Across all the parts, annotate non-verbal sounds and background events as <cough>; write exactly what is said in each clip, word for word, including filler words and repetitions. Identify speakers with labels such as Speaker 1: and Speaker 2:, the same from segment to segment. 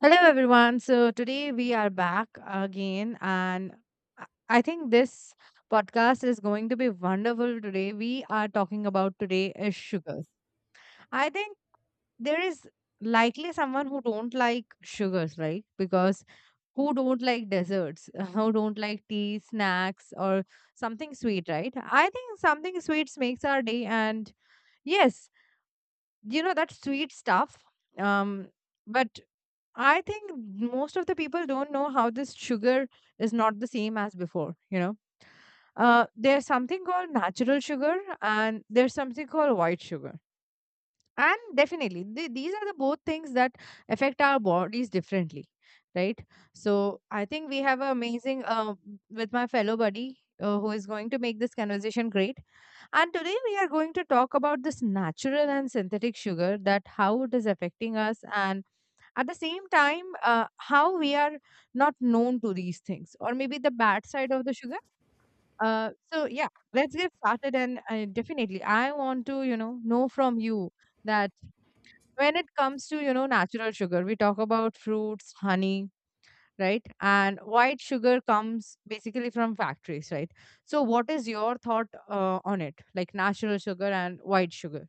Speaker 1: Hello, everyone. So, today we are back again, and I I think this podcast is going to be wonderful today. We are talking about today is sugars. I think there is likely someone who don't like sugars, right? Because who don't like desserts, <laughs> who don't like tea, snacks, or something sweet, right? I think something sweet makes our day, and yes, you know that sweet stuff. Um, but I think most of the people don't know how this sugar is not the same as before, you know. Uh, there's something called natural sugar and there's something called white sugar. And definitely, th- these are the both things that affect our bodies differently, right? So I think we have an amazing uh, with my fellow buddy uh, who is going to make this conversation great. And today we are going to talk about this natural and synthetic sugar that how it is affecting us and at the same time uh, how we are not known to these things or maybe the bad side of the sugar uh, so yeah, let's get started and uh, definitely I want to you know know from you that when it comes to you know natural sugar, we talk about fruits, honey, right? And white sugar comes basically from factories, right? So what is your thought uh, on it, like natural sugar and white sugar?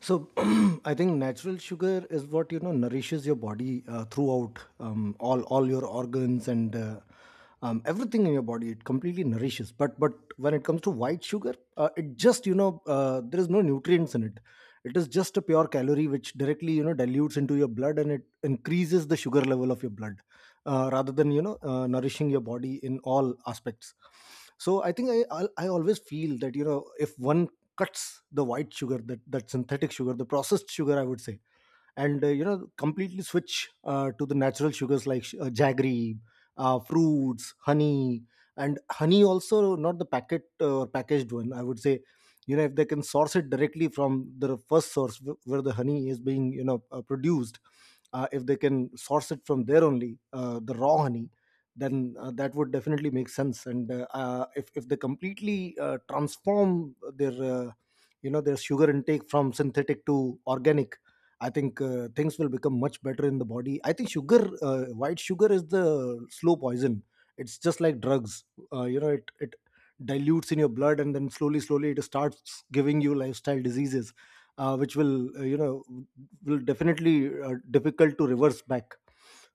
Speaker 2: So <clears throat> I think natural sugar is what you know nourishes your body uh, throughout um, all all your organs and uh, um, everything in your body. It completely nourishes. But but when it comes to white sugar, uh, it just you know uh, there is no nutrients in it. It is just a pure calorie which directly you know dilutes into your blood and it increases the sugar level of your blood uh, rather than you know uh, nourishing your body in all aspects. So I think I I I always feel that you know if one cuts the white sugar, that that synthetic sugar, the processed sugar I would say, and uh, you know completely switch uh, to the natural sugars like sh- uh, jaggery, uh, fruits, honey. And honey also, not the packet uh, or packaged one I would say. You know, if they can source it directly from the first source wh- where the honey is being you know uh, produced, uh, if they can source it from there only, uh, the raw honey, then uh, that would definitely make sense. And uh, uh, if, if they completely uh, transform their uh, you know their sugar intake from synthetic to organic, I think uh, things will become much better in the body. I think sugar, uh, white sugar, is the slow poison. It's just like drugs. Uh, you know, it it dilutes in your blood, and then slowly, slowly, it starts giving you lifestyle diseases, uh, which will uh, you know will definitely uh, difficult to reverse back.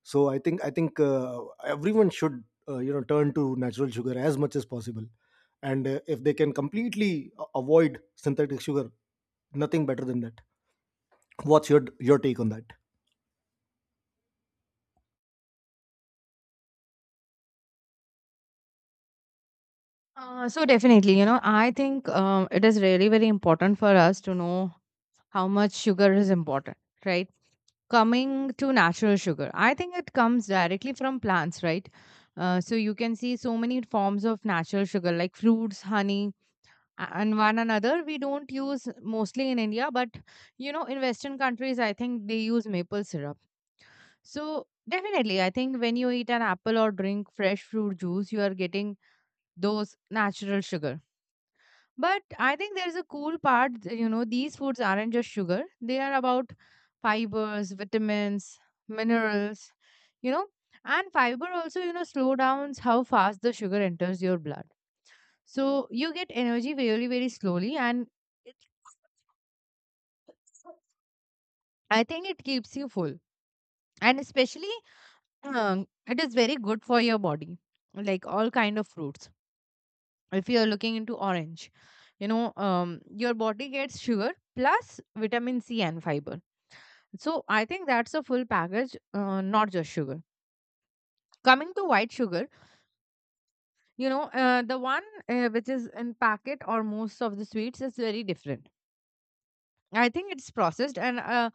Speaker 2: So I think I think uh, everyone should uh, you know turn to natural sugar as much as possible, and uh, if they can completely a- avoid synthetic sugar, nothing better than that. What's your your take on that?
Speaker 1: uh, So definitely, you know, I think um, it is really very important for us to know how much sugar is important, right? Coming to natural sugar, I think it comes directly from plants, right? Uh, so you can see so many forms of natural sugar like fruits, honey, a- and one another. We don't use mostly in India, but you know, in Western countries, I think they use maple syrup. So definitely, I think when you eat an apple or drink fresh fruit juice, you are getting those natural sugar. But I think there's a cool part, th- you know, these foods aren't just sugar, they are about fibers, vitamins, minerals, you know, and fiber also, you know, slow downs how fast the sugar enters your blood. So you get energy very, very slowly, and it's, I think it keeps you full. And especially, um, it is very good for your body, like all kind of fruits. If you're looking into orange, you know, um, your body gets sugar plus vitamin C and fiber. So I think that's a full package, uh, not just sugar. Coming to white sugar, you know, uh, the one uh, which is in packet or most of the sweets is very different. I think it's processed and uh,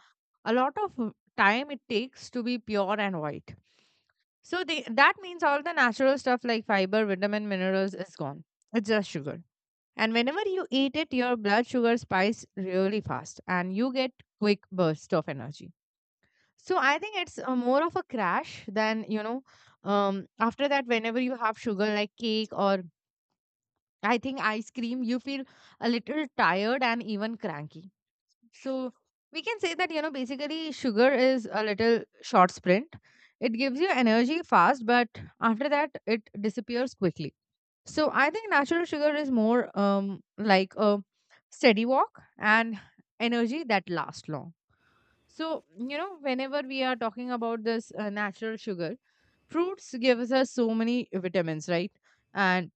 Speaker 1: a lot of time it takes to be pure and white. So they, that means all the natural stuff like fiber, vitamin, minerals is gone. It's just sugar. And whenever you eat it, your blood sugar spikes really fast and you get quick burst of energy. So I think it's uh, more of a crash than, you know, um, after that, whenever you have sugar like cake or I think ice cream, you feel a little tired and even cranky. So we can say that, you know, basically sugar is a little short sprint. It gives you energy fast, but after that, it disappears quickly. So I think natural sugar is more um, like a steady walk and energy that lasts long. So, you know, whenever we are talking about this uh, natural sugar, fruits gives us uh, so many vitamins, right? And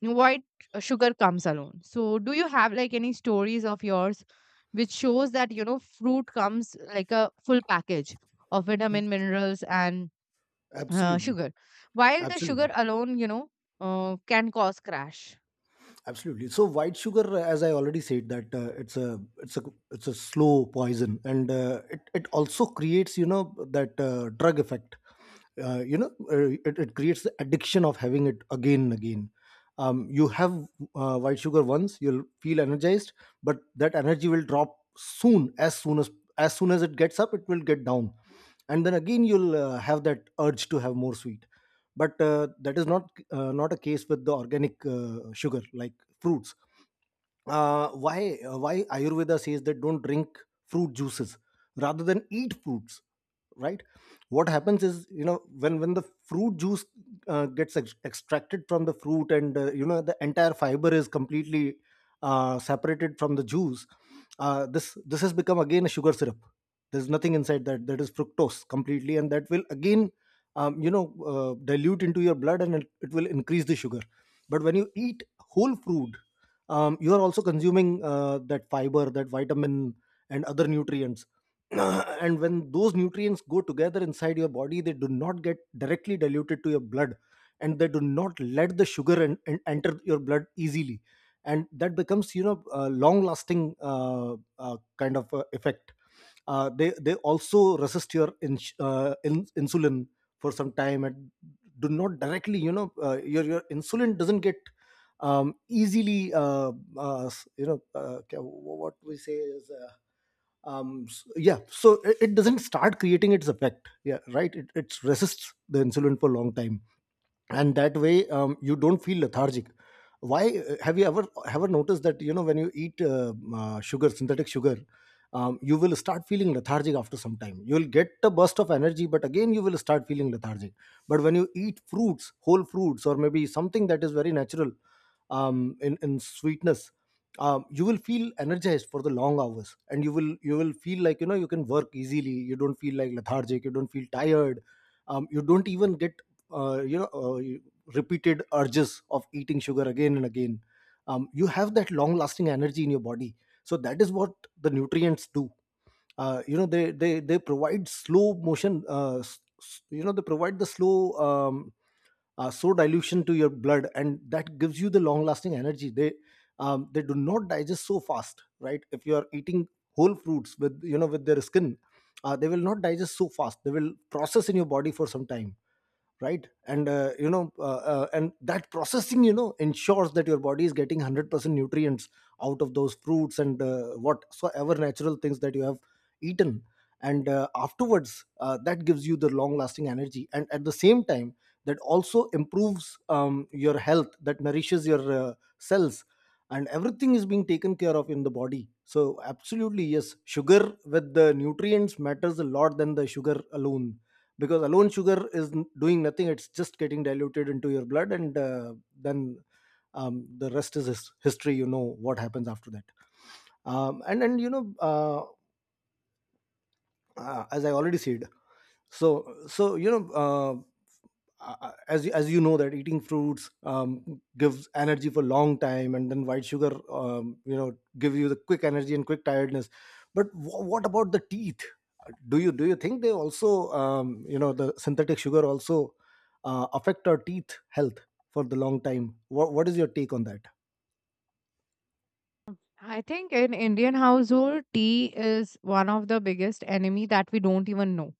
Speaker 1: white uh, sugar comes alone. So, do you have like any stories of yours which shows that, you know, fruit comes like a full package of vitamin, minerals, and uh,
Speaker 2: Absolutely,
Speaker 1: sugar, while the sugar
Speaker 2: absolutely,
Speaker 1: alone, you know, uh, can cause crash?
Speaker 2: absolutely. So white sugar, uh, as I already said, that uh, it's a it's a it's a slow poison, and uh, it it also creates you know that uh, drug effect. Uh, you know uh, it, it creates the addiction of having it again and again. um, you have uh, white sugar once, you'll feel energized, but that energy will drop soon. As soon as as soon as it gets up, it will get down, and then again you'll uh, have that urge to have more sweet. But uh, that is not uh, not a case with the organic uh, sugar like fruits. Uh, why uh, why ayurveda says that don't drink fruit juices rather than eat fruits, right? What happens is, you know, when when the fruit juice uh, gets ex- extracted from the fruit, and uh, you know the entire fiber is completely uh, separated from the juice, uh, this this has become again a sugar syrup. There's nothing inside that that is fructose completely, and that will again um, you know uh, dilute into your blood, and it, it will increase the sugar. But when you eat whole fruit, um, you are also consuming uh, that fiber, that vitamin, and other nutrients. <clears throat> And when those nutrients go together inside your body, they do not get directly diluted to your blood, and they do not let the sugar and, and enter your blood easily, and that becomes you know a long lasting uh, uh, kind of uh, effect. uh, they they also resist your in, uh, in, insulin for some time, and do not directly, you know, uh, your your insulin doesn't get um, easily uh, uh, s- you know uh, ca- what we say is uh, um, s- yeah, so it, it doesn't start creating its effect, yeah, right. It, it resists the insulin for a long time, and that way um, you don't feel lethargic. Why uh, have you ever ever noticed that you know when you eat uh, uh, sugar, synthetic sugar, um, you will start feeling lethargic after some time, you will get a burst of energy, but again you will start feeling lethargic. But when you eat fruits, whole fruits, or maybe something that is very natural um, in in sweetness, um, you will feel energized for the long hours, and you will you will feel like you know you can work easily, you don't feel like lethargic, you don't feel tired. um, you don't even get uh, you know uh, repeated urges of eating sugar again and again. um, you have that long lasting energy in your body. So that is what the nutrients do. uh, you know they they they provide slow motion uh, s- s- you know they provide the slow um, uh, slow dilution to your blood, and that gives you the long lasting energy. They um, they do not digest so fast, right? If you are eating whole fruits with you know with their skin, uh, they will not digest so fast, they will process in your body for some time, right? And uh, you know uh, uh, and that processing you know ensures that your body is getting one hundred percent nutrients out of those fruits, and uh, whatsoever natural things that you have eaten. And uh, afterwards, uh, that gives you the long lasting energy, and at the same time that also improves um, your health, that nourishes your uh, cells, and everything is being taken care of in the body. So absolutely yes, sugar with the nutrients matters a lot than the sugar alone, because alone sugar is n- doing nothing, it's just getting diluted into your blood, and uh, then um, the rest is his- history, you know what happens after that. Um, and and you know uh, uh, as I already said, so so you know uh, uh, uh, as you- as you know that eating fruits um, gives energy for long time, and then white sugar um, you know give you the quick energy and quick tiredness. But wh- what about the teeth? Uh, do you do you think they also um, you know the synthetic sugar also uh, affect our teeth health for the long time? What, what is your take on that?
Speaker 1: I think in Indian household, tea is one of the biggest enemy that we don't even know.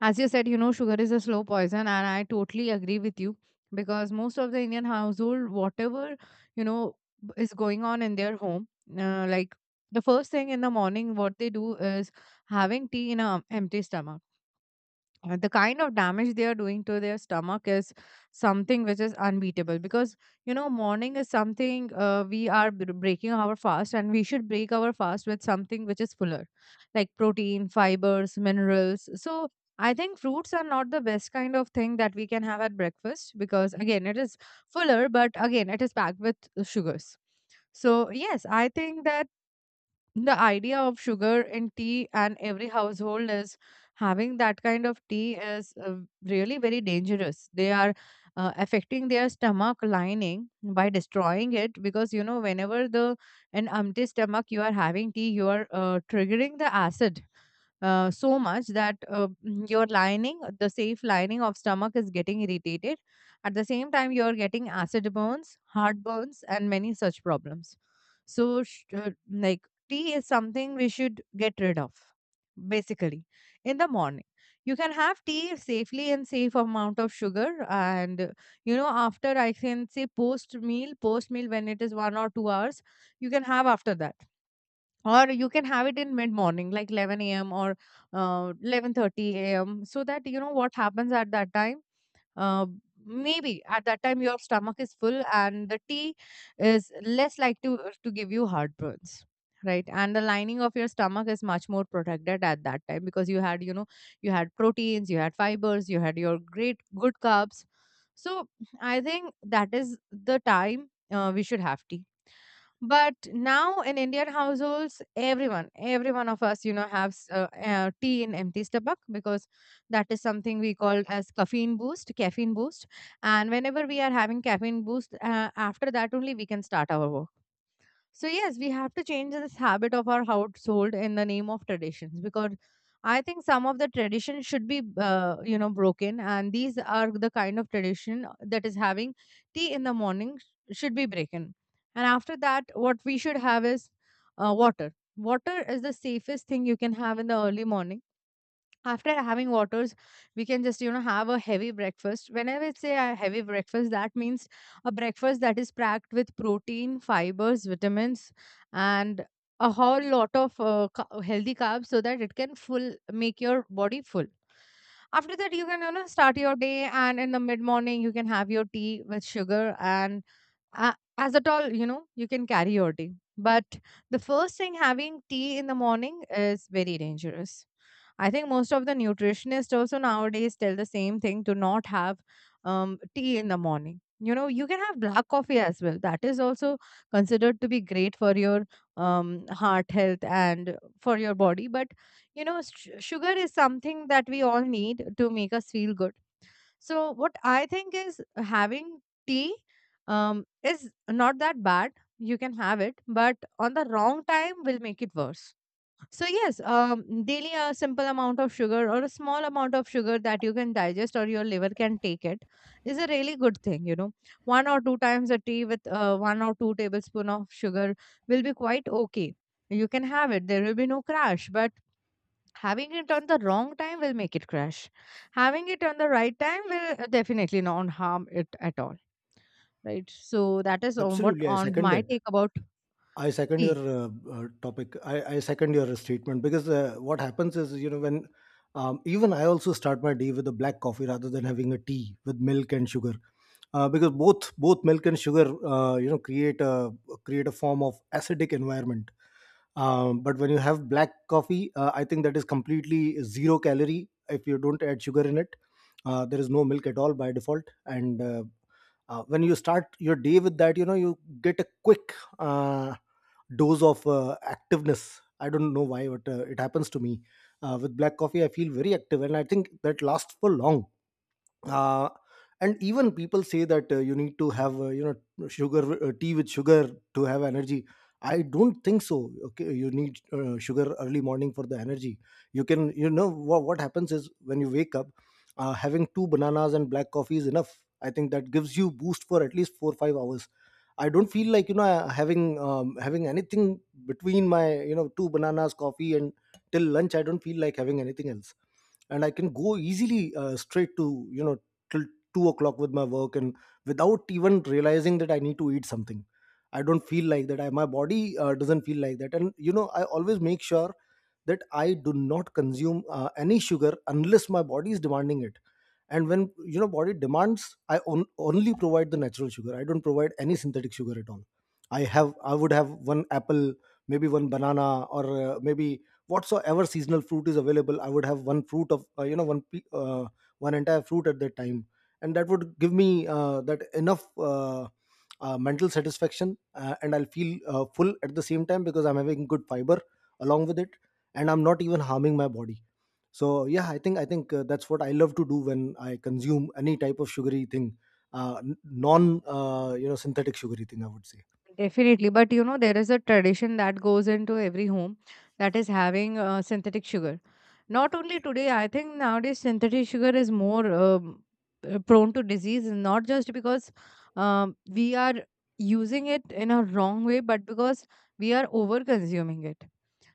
Speaker 1: As you said, you know, sugar is a slow poison, and I totally agree with you because most of the Indian household, whatever, you know, b- is going on in their home, uh, like the first thing in the morning, what they do is having tea in an empty stomach. Uh, the kind of damage they are doing to their stomach is something which is unbeatable because you know morning is something uh, we are br- breaking our fast and we should break our fast with something which is fuller, like protein, fibers, minerals. So I think fruits are not the best kind of thing that we can have at breakfast because again it is fuller but again it is packed with uh, sugars. So yes, I think that the idea of sugar in tea and every household is having that kind of tea is uh, really very dangerous. They are uh, affecting their stomach lining by destroying it because you know whenever the an empty stomach you are having tea, you are uh, triggering the acid uh, so much that uh, mm, your lining, the safe lining of stomach is getting irritated. At the same time, you are getting acid burns, heartburns, and many such problems. So, sh- uh, like tea is something we should get rid of basically in the morning. You can have tea safely and safe amount of sugar and uh, you know after, I can say post meal, post meal, when it is one or two hours, you can have after that, or you can have it in mid morning like eleven a.m. or uh, eleven thirty a m. so that you know what happens at that time. uh, Maybe at that time your stomach is full and the tea is less like to uh, to give you heartburns, right? And the lining of your stomach is much more protected at that time because you had you know you had proteins, you had fibers, you had your great good carbs. So I think that is the time uh, we should have tea. But now in Indian households, everyone, every one of us, you know, have uh, uh, tea in empty stomach because that is something we call as caffeine boost, caffeine boost. And whenever we are having caffeine boost, uh, after that only we can start our work. So yes, we have to change this habit of our household in the name of traditions because I think some of the tradition should be uh, you know broken, and these are the kind of tradition that is having tea in the morning sh- should be broken. And after that what we should have is uh, water. Water is the safest thing you can have in the early morning. After having waters, we can just you know have a heavy breakfast. Whenever I say a heavy breakfast, that means a breakfast that is packed with protein, fibers, vitamins, and a whole lot of uh, ca- healthy carbs so that it can full make your body full. After that you can you know start your day, and in the mid morning you can have your tea with sugar and uh, as at all you know you can carry your tea. But the first thing, having tea in the morning, is very dangerous. I think most of the nutritionists also nowadays tell the same thing, to not have um, tea in the morning. You know, you can have black coffee as well. That is also considered to be great for your um, heart health and for your body. But, you know, sh- sugar is something that we all need to make us feel good. So, what I think is, having tea um, is not that bad. You can have it, but on the wrong time will make it worse. So yes, um, daily a simple amount of sugar or a small amount of sugar that you can digest or your liver can take it is a really good thing. You know, one or two times a tea with uh, one or two tablespoon of sugar will be quite okay. You can have it. There will be no crash. But having it on the wrong time will make it crash. Having it on the right time will uh, definitely not harm it at all. Right. So that is on what
Speaker 2: Absolutely, I
Speaker 1: on
Speaker 2: second
Speaker 1: my
Speaker 2: that.
Speaker 1: take about
Speaker 2: I second
Speaker 1: tea.
Speaker 2: your uh, uh, topic. I, I second your statement. Because uh, what happens is, you know, when um, even I also start my day with a black coffee rather than having a tea with milk and sugar, uh, because both both milk and sugar, uh, you know, create a create a form of acidic environment. um, but when you have black coffee, uh, I think that is completely zero calorie if you don't add sugar in it. Uh, there is no milk at all by default. And uh, uh, when you start your day with that, you know you get a quick uh, dose of uh, activeness. I don't know why, but uh, it happens to me. Uh, with black coffee I feel very active, and I think that lasts for long. uh, and even people say that uh, you need to have uh, you know sugar, uh, tea with sugar to have energy. I don't think so. Okay, you need uh, sugar early morning for the energy? You can, you know, what, what happens is when you wake up, uh, having two bananas and black coffee is enough. I think that gives you boost for at least four or five hours. I don't feel like you know having um, having anything between my you know two bananas coffee and till lunch. I don't feel like having anything else, and I can go easily uh, straight to, you know, till two o'clock with my work, and without even realizing that I need to eat something. I don't feel like that. I, my body uh, doesn't feel like that. And, you know, I always make sure that I do not consume uh, any sugar unless my body is demanding it. And when you know body demands, i on, only provide the natural sugar, I don't provide any synthetic sugar at all. i have I would have one apple, maybe one banana, or uh, maybe whatsoever seasonal fruit is available. I would have one fruit of, uh, you know one pe- uh, one entire fruit at that time, and that would give me uh, that enough uh, uh, mental satisfaction, uh, and I'll feel uh, full at the same time because I'm having good fiber along with it, and I'm not even harming my body. So yeah, i think i think uh, that's what I love to do when I consume any type of sugary thing, uh, n- non uh, you know synthetic sugary thing I would say.
Speaker 1: Definitely. But you know, there is a tradition that goes into every home that is having uh, synthetic sugar. Not only today, I think nowadays synthetic sugar is more um, uh, prone to disease, not just because um, we are using it in a wrong way, but because we are over consuming it.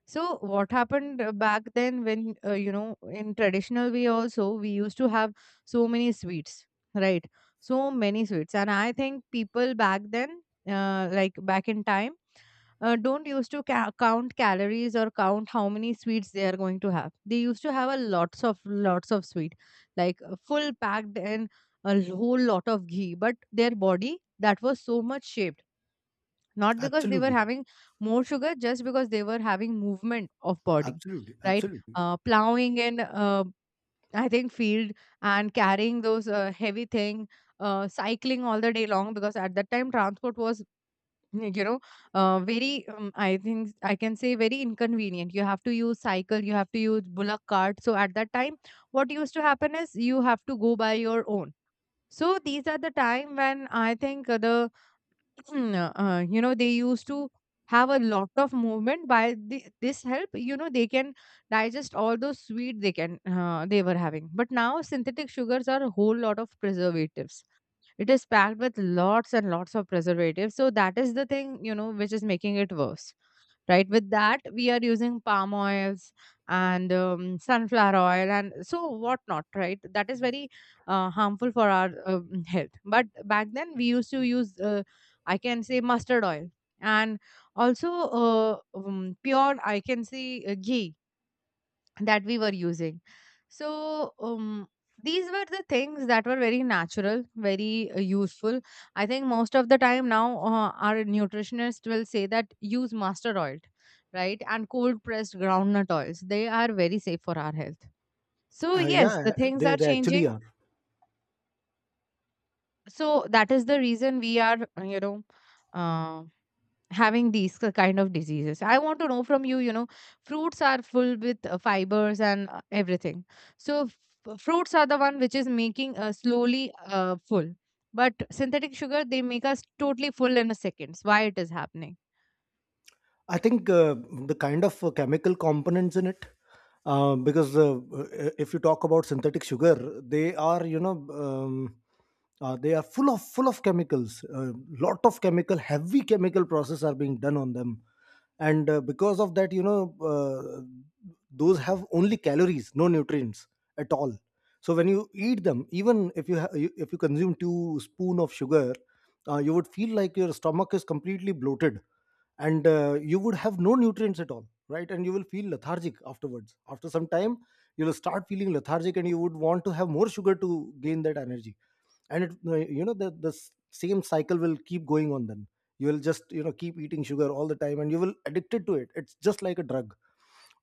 Speaker 1: So what happened uh, back then when uh, you know in traditional way also we used to have so many sweets, right? So many sweets, and I think people back then, uh, like back in time, uh, don't used to ca- count calories or count how many sweets they are going to have. They used to have a lots of lots of sweet, like uh, full packed and a whole lot of ghee. But their body that was so much shaped not because they were
Speaker 2: Absolutely.
Speaker 1: having more sugar, just because they were having movement of body,
Speaker 2: Absolutely.
Speaker 1: right?
Speaker 2: Absolutely.
Speaker 1: Uh, plowing in, uh, I think, field and carrying those uh, heavy thing, uh, cycling all the day long, because at that time transport was, mm, you know, uh, very, um, I think I can say very inconvenient. You have to use cycle, you have to use bullock cart. So at that time what used to happen is you have to go by your own. So these are the time when, I think, uh, the Hmm, uh, you know, they used to have a lot of movement by the, this help, you know. They can digest all those sweet they can uh, they were having. But now synthetic sugars are a whole lot of preservatives, it is packed with lots and lots of preservatives. So that is the thing, you know, which is making it worse, right? With that we are using palm oils and um, sunflower oil and so whatnot, right? That is very uh, harmful for our um, health. But back then we used to use, uh, I can say, mustard oil and also uh, um, pure, I can say, uh, ghee that we were using. So, um, these were the things that were very natural, very uh, useful. I think most of the time now, uh, our nutritionist will say that use mustard oil, right? And cold pressed groundnut oils. They are very safe for our health. So,
Speaker 2: Uh,
Speaker 1: yes,
Speaker 2: yeah,
Speaker 1: the things are
Speaker 2: they, they actually
Speaker 1: changing.
Speaker 2: are.
Speaker 1: So, that is the reason we are, uh, you know, uh, having these k- kind of diseases. I want to know from you, you know, fruits are full with uh, fibers and uh, everything. So f- fruits are the one which is making uh, slowly uh, full, but synthetic sugar they make us totally full in a seconds. Why it is happening?
Speaker 2: I think uh, the kind of uh, chemical components in it, uh, because uh, uh, if you talk about synthetic sugar, they are, you know, um, uh, they are full of full of chemicals. A lot of chemical, heavy chemical process are being done on them, and uh, because of that, you know, uh, those have only calories, no nutrients at all. So when you eat them, even if you ha- you- if you- consume two spoon of sugar, uh, you would feel like your stomach is completely bloated. And uh, you would have no nutrients at all, right, and you will feel lethargic afterwards. After some time you'll start feeling lethargic, and you would want to have more sugar to gain that energy. And it, uh, you know, the the s- same cycle will keep going on. Then you will just, you know, keep eating sugar all the time, and you will addicted to it, it's just like a drug.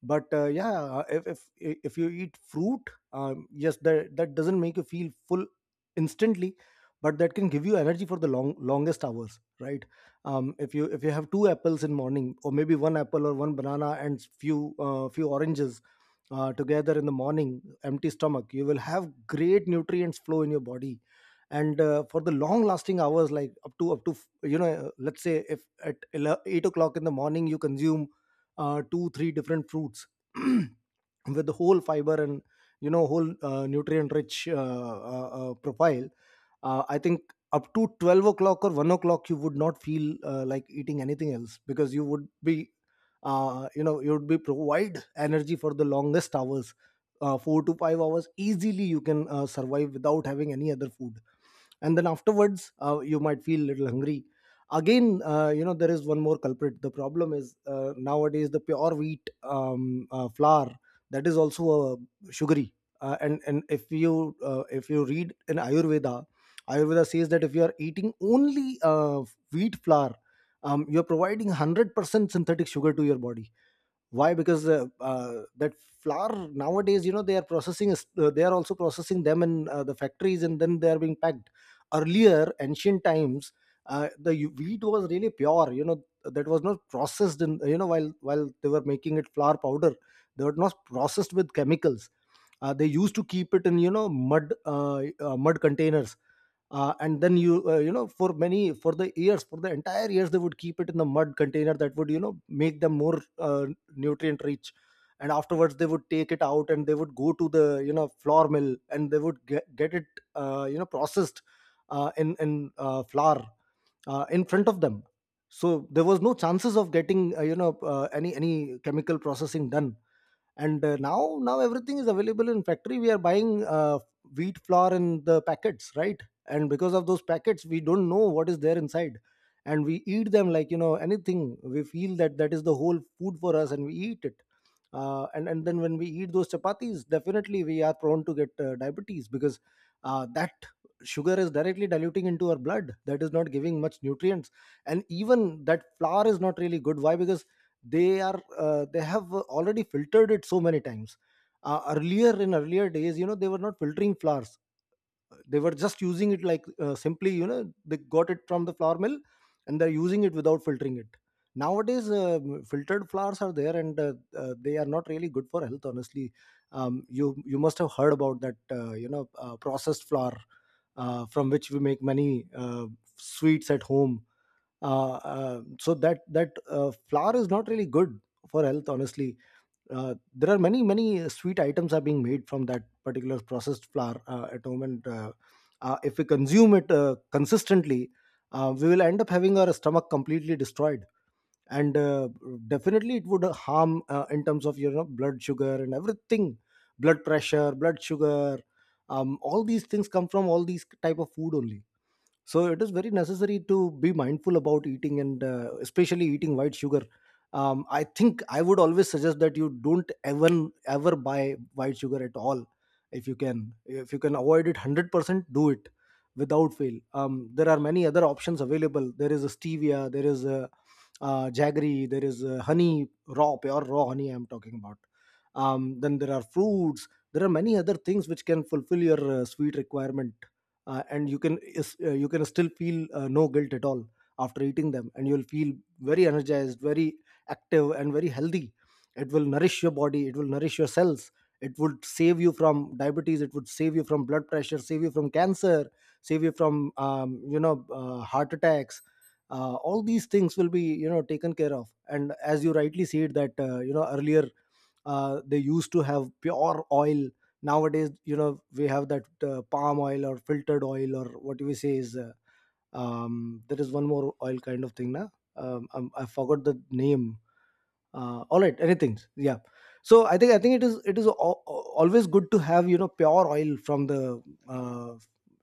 Speaker 2: But uh, yeah, uh, if, if if you eat fruit, um, yes, that that doesn't make you feel full instantly, but that can give you energy for the long longest hours, right? Um, if you if you have two apples in morning, or maybe one apple or one banana and few uh, few oranges uh, together in the morning empty stomach, you will have great nutrients flow in your body. And uh, for the long lasting hours, like up to up to you know, let's say if at eleven eight o'clock in the morning you consume uh, two three different fruits <clears throat> with the whole fiber and, you know, whole uh, nutrient rich uh, uh, uh, profile. uh, I think up to twelve o'clock or one o'clock you would not feel uh, like eating anything else, because you would be, uh, you know, you would be provide energy for the longest hours. uh, four to five hours easily, you can uh, survive without having any other food. And then afterwards, uh, you might feel little hungry again. Uh, you know, there is one more culprit. The problem is, uh, nowadays the pure wheat um, uh, flour, that is also uh, sugary. Uh, and and if you, uh, if you read in Ayurveda, Ayurveda says that if you are eating only uh, wheat flour, um, you're providing one hundred percent synthetic sugar to your body. Why? Because uh, uh, that flour nowadays, you know, they are processing is- uh, they are also processing them in uh, the factories, and then they are being packed. Earlier, ancient times, uh, the u- wheat was really pure, you know, that was not processed in, you know, while while they were making it flour powder. They were not processed with chemicals. Uh, they used to keep it in, you know, mud uh, uh, mud containers. Uh, and then you, uh, you know, for many for the years for the entire years they would keep it in the mud container, that would, you know, make them more uh, nutrient rich. And afterwards they would take it out, and they would go to the, you know, flour mill, and they would get, get it, uh, you know, processed, uh, in in uh, flour, uh, in front of them. So there was no chances of getting, uh, you know, uh, any any chemical processing done. And uh, now now everything is available in factory. We are buying uh, wheat flour in the packets, right? And because of those packets, we don't know what is there inside, and we eat them like, you know, anything. We feel that that is the whole food for us, and we eat it. Uh, and and then when we eat those chapatis, definitely we are prone to get uh, diabetes, because uh, that sugar is directly diluting into our blood, that is not giving much nutrients. And even that flour is not really good. Why? Because they are, uh, they have already filtered it so many times. Uh, earlier in earlier days, you know, they were not filtering flowers. They were just using it, like, uh, simply, you know, they got it from the flour mill, and they're using it without filtering it. Nowadays, uh, filtered flowers are there, and uh, uh, they are not really good for health, honestly. Um, you you must have heard about that, uh, you know, uh, processed flour, uh, from which we make many uh, sweets at home. Uh, uh, so that that uh, flour is not really good for health, honestly. Uh, there are many many sweet items are being made from that particular processed flour uh, at home, and uh, uh, if we consume it uh, consistently, uh, we will end up having our stomach completely destroyed. And uh, definitely it would harm uh, in terms of your, you know, blood sugar and everything. Blood pressure, blood sugar, um, all these things come from all these type of food only. So it is very necessary to be mindful about eating, and uh, especially eating white sugar. um, I think I would always suggest that you don't ever, ever buy white sugar at all. If you can if you can avoid it one hundred percent, do it without fail. Um, there are many other options available. There is a stevia, there is a uh, jaggery, there is a honey, raw, pure raw honey I'm talking about. Um, then there are fruits, there are many other things which can fulfill your uh, sweet requirement, uh, and you can is- uh, you can still feel uh, no guilt at all after eating them, and you'll feel very energized, very active, and very healthy. It will nourish your body, it will nourish your cells, it would save you from diabetes, it would save you from blood pressure, save you from cancer, save you from, um, you know, uh, heart attacks. Uh, all these things will be, you know, taken care of. And as you rightly said that, uh, you know, earlier uh, they used to have pure oil. Nowadays, you know, we have that uh, palm oil or filtered oil, or what we say is, uh, um, there is one more oil kind of thing, na? um, um, I forgot the name. Uh, all right, anything. Yeah, so i think i think it is it is al- al- always good to have, you know, pure oil from the uh,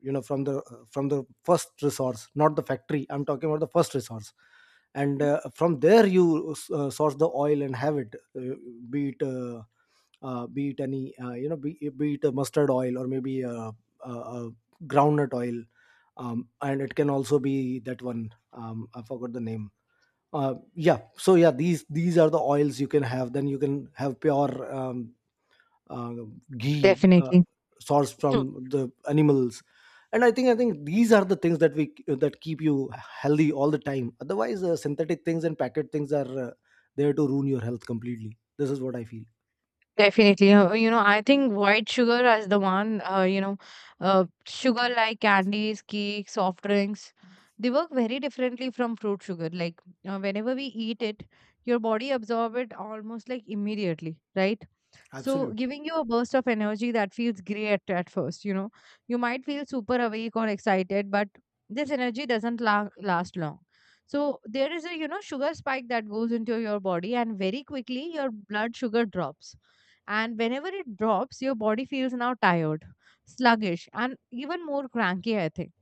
Speaker 2: you know from the from the first resource, not the factory. I'm talking about the first resource. And uh, from there you uh, source the oil and have it. uh, be it, uh, uh, be it any, uh, you know, be, be it a mustard oil, or maybe a, a, a groundnut oil. Um, and it can also be that one. um, I forgot the name. Uh, yeah, so yeah, these these are the oils you can have. Then you can have pure, um, uh, ghee, uh,
Speaker 1: Definitely.
Speaker 2: sourced from the animals. And i think i think these are the things that, we that keep you healthy all the time. Otherwise uh, synthetic things and packet things are uh, there to ruin your health completely. This is what I feel.
Speaker 1: Definitely. Uh, You know, I think white sugar as the one, uh, you know, uh, sugar like candies, cakes, soft drinks, they work very differently from fruit sugar. Like, uh, whenever we eat it, your body absorb it almost like immediately, right? So,
Speaker 2: Absolutely.
Speaker 1: giving you a burst of energy that feels great at first, you know. You might feel super awake or excited, but this energy doesn't la- last long. So, there is a, you know, sugar spike that goes into your body, and very quickly your blood sugar drops. And whenever it drops, your body feels now tired, sluggish, and even more cranky, I think.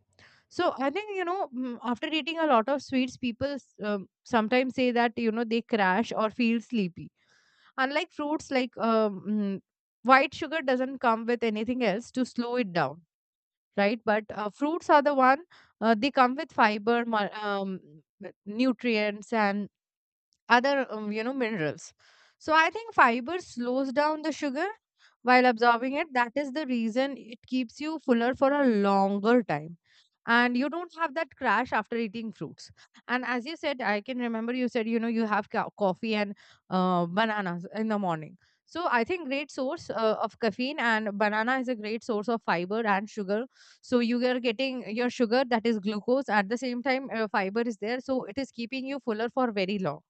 Speaker 1: So, I think, you know, mm, after eating a lot of sweets, people s- um, sometimes say that, you know, they crash or feel sleepy. Unlike fruits, like um, mm, white sugar doesn't come with anything else to slow it down, right? But uh, fruits are the one, uh, they come with fiber, mu- um, nutrients, and other um, you know, minerals. So I think fiber slows down the sugar while absorbing it. That is the reason it keeps you fuller for a longer time, and you don't have that crash after eating fruits. And as you said, I can remember you said, you know, you have co- coffee and uh, bananas in the morning. So I think great source uh, of caffeine, and banana is a great source of fiber and sugar. So you are getting your sugar, that is glucose, at the same time uh, fiber is there, so it is keeping you fuller for very long.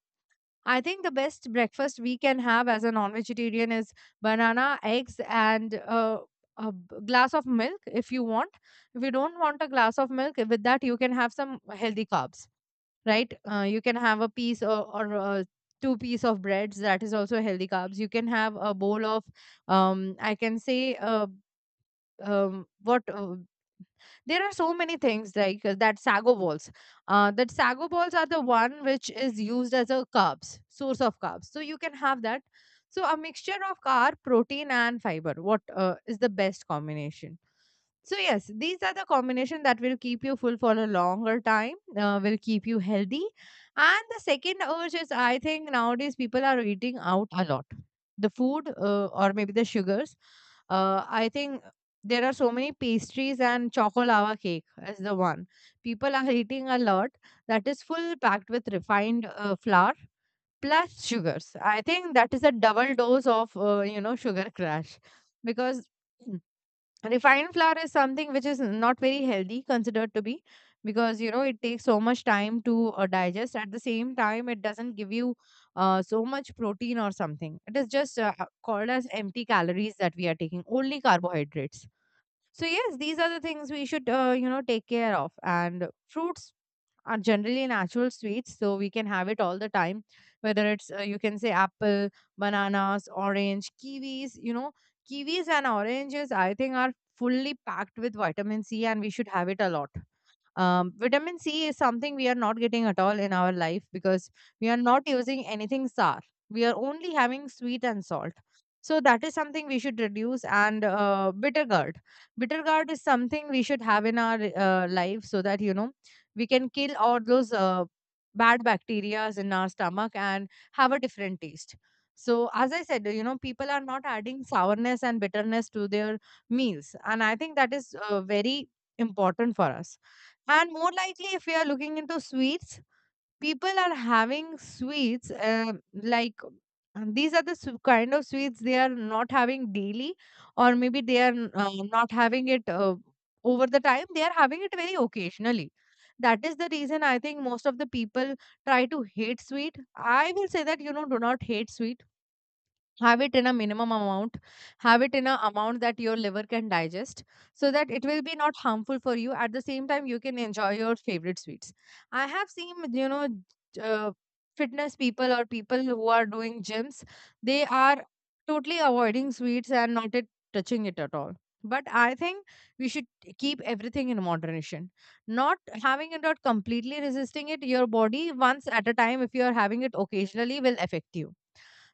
Speaker 1: I think the best breakfast we can have as a non-vegetarian is banana, eggs, and uh, a b- glass of milk if you want. If you don't want a glass of milk, with that you can have some healthy carbs, right? Uh, you can have a piece, or, or uh, two piece of breads. That is also healthy carbs. You can have a bowl of, um, I can say, uh, um, what. Uh, there are so many things like uh, that sago balls. Uh, that sago balls are the one which is used as a carbs, source of carbs, so you can have that. So a mixture of carb, protein and fiber, what uh, is the best combination. So yes, these are the combination that will keep you full for a longer time, uh, will keep you healthy. And the second urge is, I think, nowadays people are eating out a lot, the food uh, or maybe the sugars. uh, I think there are so many pastries, and choco lava cake is the one. People are eating a lot, that is full packed with refined uh, flour plus sugars. I think that is a double dose of uh, you know, sugar crash, because <clears throat> mm, refined flour is something which is not very healthy considered to be, because you know it takes so much time to uh, digest. At the same time it doesn't give you uh, so much protein or something. It is just uh, called as empty calories, that we are taking only carbohydrates. So yes, these are the things we should uh, you know, take care of. And fruits are generally natural sweets, so we can have it all the time. Whether it's, uh, you can say, apple, bananas, orange, kiwis. You know, kiwis and oranges I think are fully packed with vitamin C, and we should have it a lot. Um, vitamin C is something we are not getting at all in our life, because we are not using anything sour. We are only having sweet and salt. So that is something we should reduce. And uh, bitter gourd, bitter gourd is something we should have in our uh, life, so that you know we can kill all those uh, bad bacteria in our stomach and have a different taste. So as I said, you know, people are not adding sourness and bitterness to their meals, and I think that is uh, very important for us. And more likely, if we are looking into sweets, people are having sweets uh, like and these are the su- kind of sweets they are not having daily, or maybe they are n- uh, not having it uh, over the time. They are having it very occasionally. That is the reason I think most of the people try to hate sweet. I will say that, you know, do not hate sweet, have it in a minimum amount, have it in a amount that your liver can digest, so that it will be not harmful for you. At the same time you can enjoy your favorite sweets. I have seen, you know, j- uh, fitness people, or people who are doing gyms, they are totally avoiding sweets and not it, touching it at all. But I think we should keep everything in moderation. Not having it or completely resisting it your body once at a time, if you are having it occasionally, will affect you.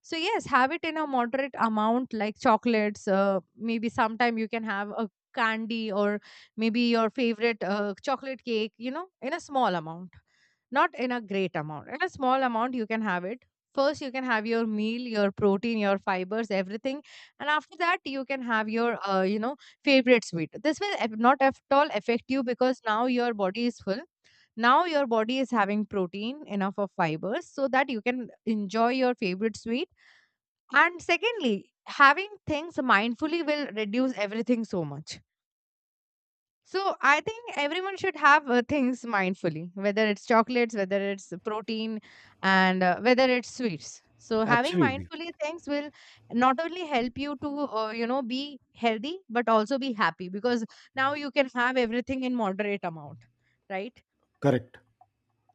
Speaker 1: So yes, have it in a moderate amount, like chocolates. Uh, maybe sometime you can have a candy, or maybe your favorite uh, chocolate cake. You know, in a small amount, not in a great amount. In a small amount, you can have it. First, you can have your meal, your protein, your fibers, everything, and after that you can have your uh, you know favorite sweet. This will af- not at all affect you, because now your body is full, now your body is having protein, enough of fibers, so that you can enjoy your favorite sweet. And secondly, having things mindfully will reduce everything so much. So I think everyone should have uh, things mindfully, whether it's chocolates, whether it's protein, and uh, whether it's sweets. So having
Speaker 2: Absolutely.
Speaker 1: mindfully things will not only help you to uh, you know, be healthy, but also be happy, because now you can have everything in moderate amount, right?
Speaker 2: Correct,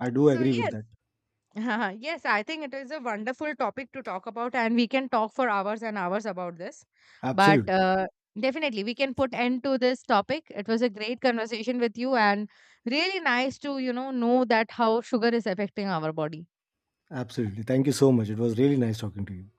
Speaker 2: I do
Speaker 1: So
Speaker 2: agree with
Speaker 1: yes,
Speaker 2: that.
Speaker 1: <laughs> yes, I think it is a wonderful topic to talk about, and we can talk for hours and hours about this. But
Speaker 2: Absolutely.
Speaker 1: uh, definitely, we can put end to this topic. It was a great conversation with you, and really nice to, you know know that how sugar is affecting our body.
Speaker 2: Absolutely, thank you so much. It was really nice talking to you.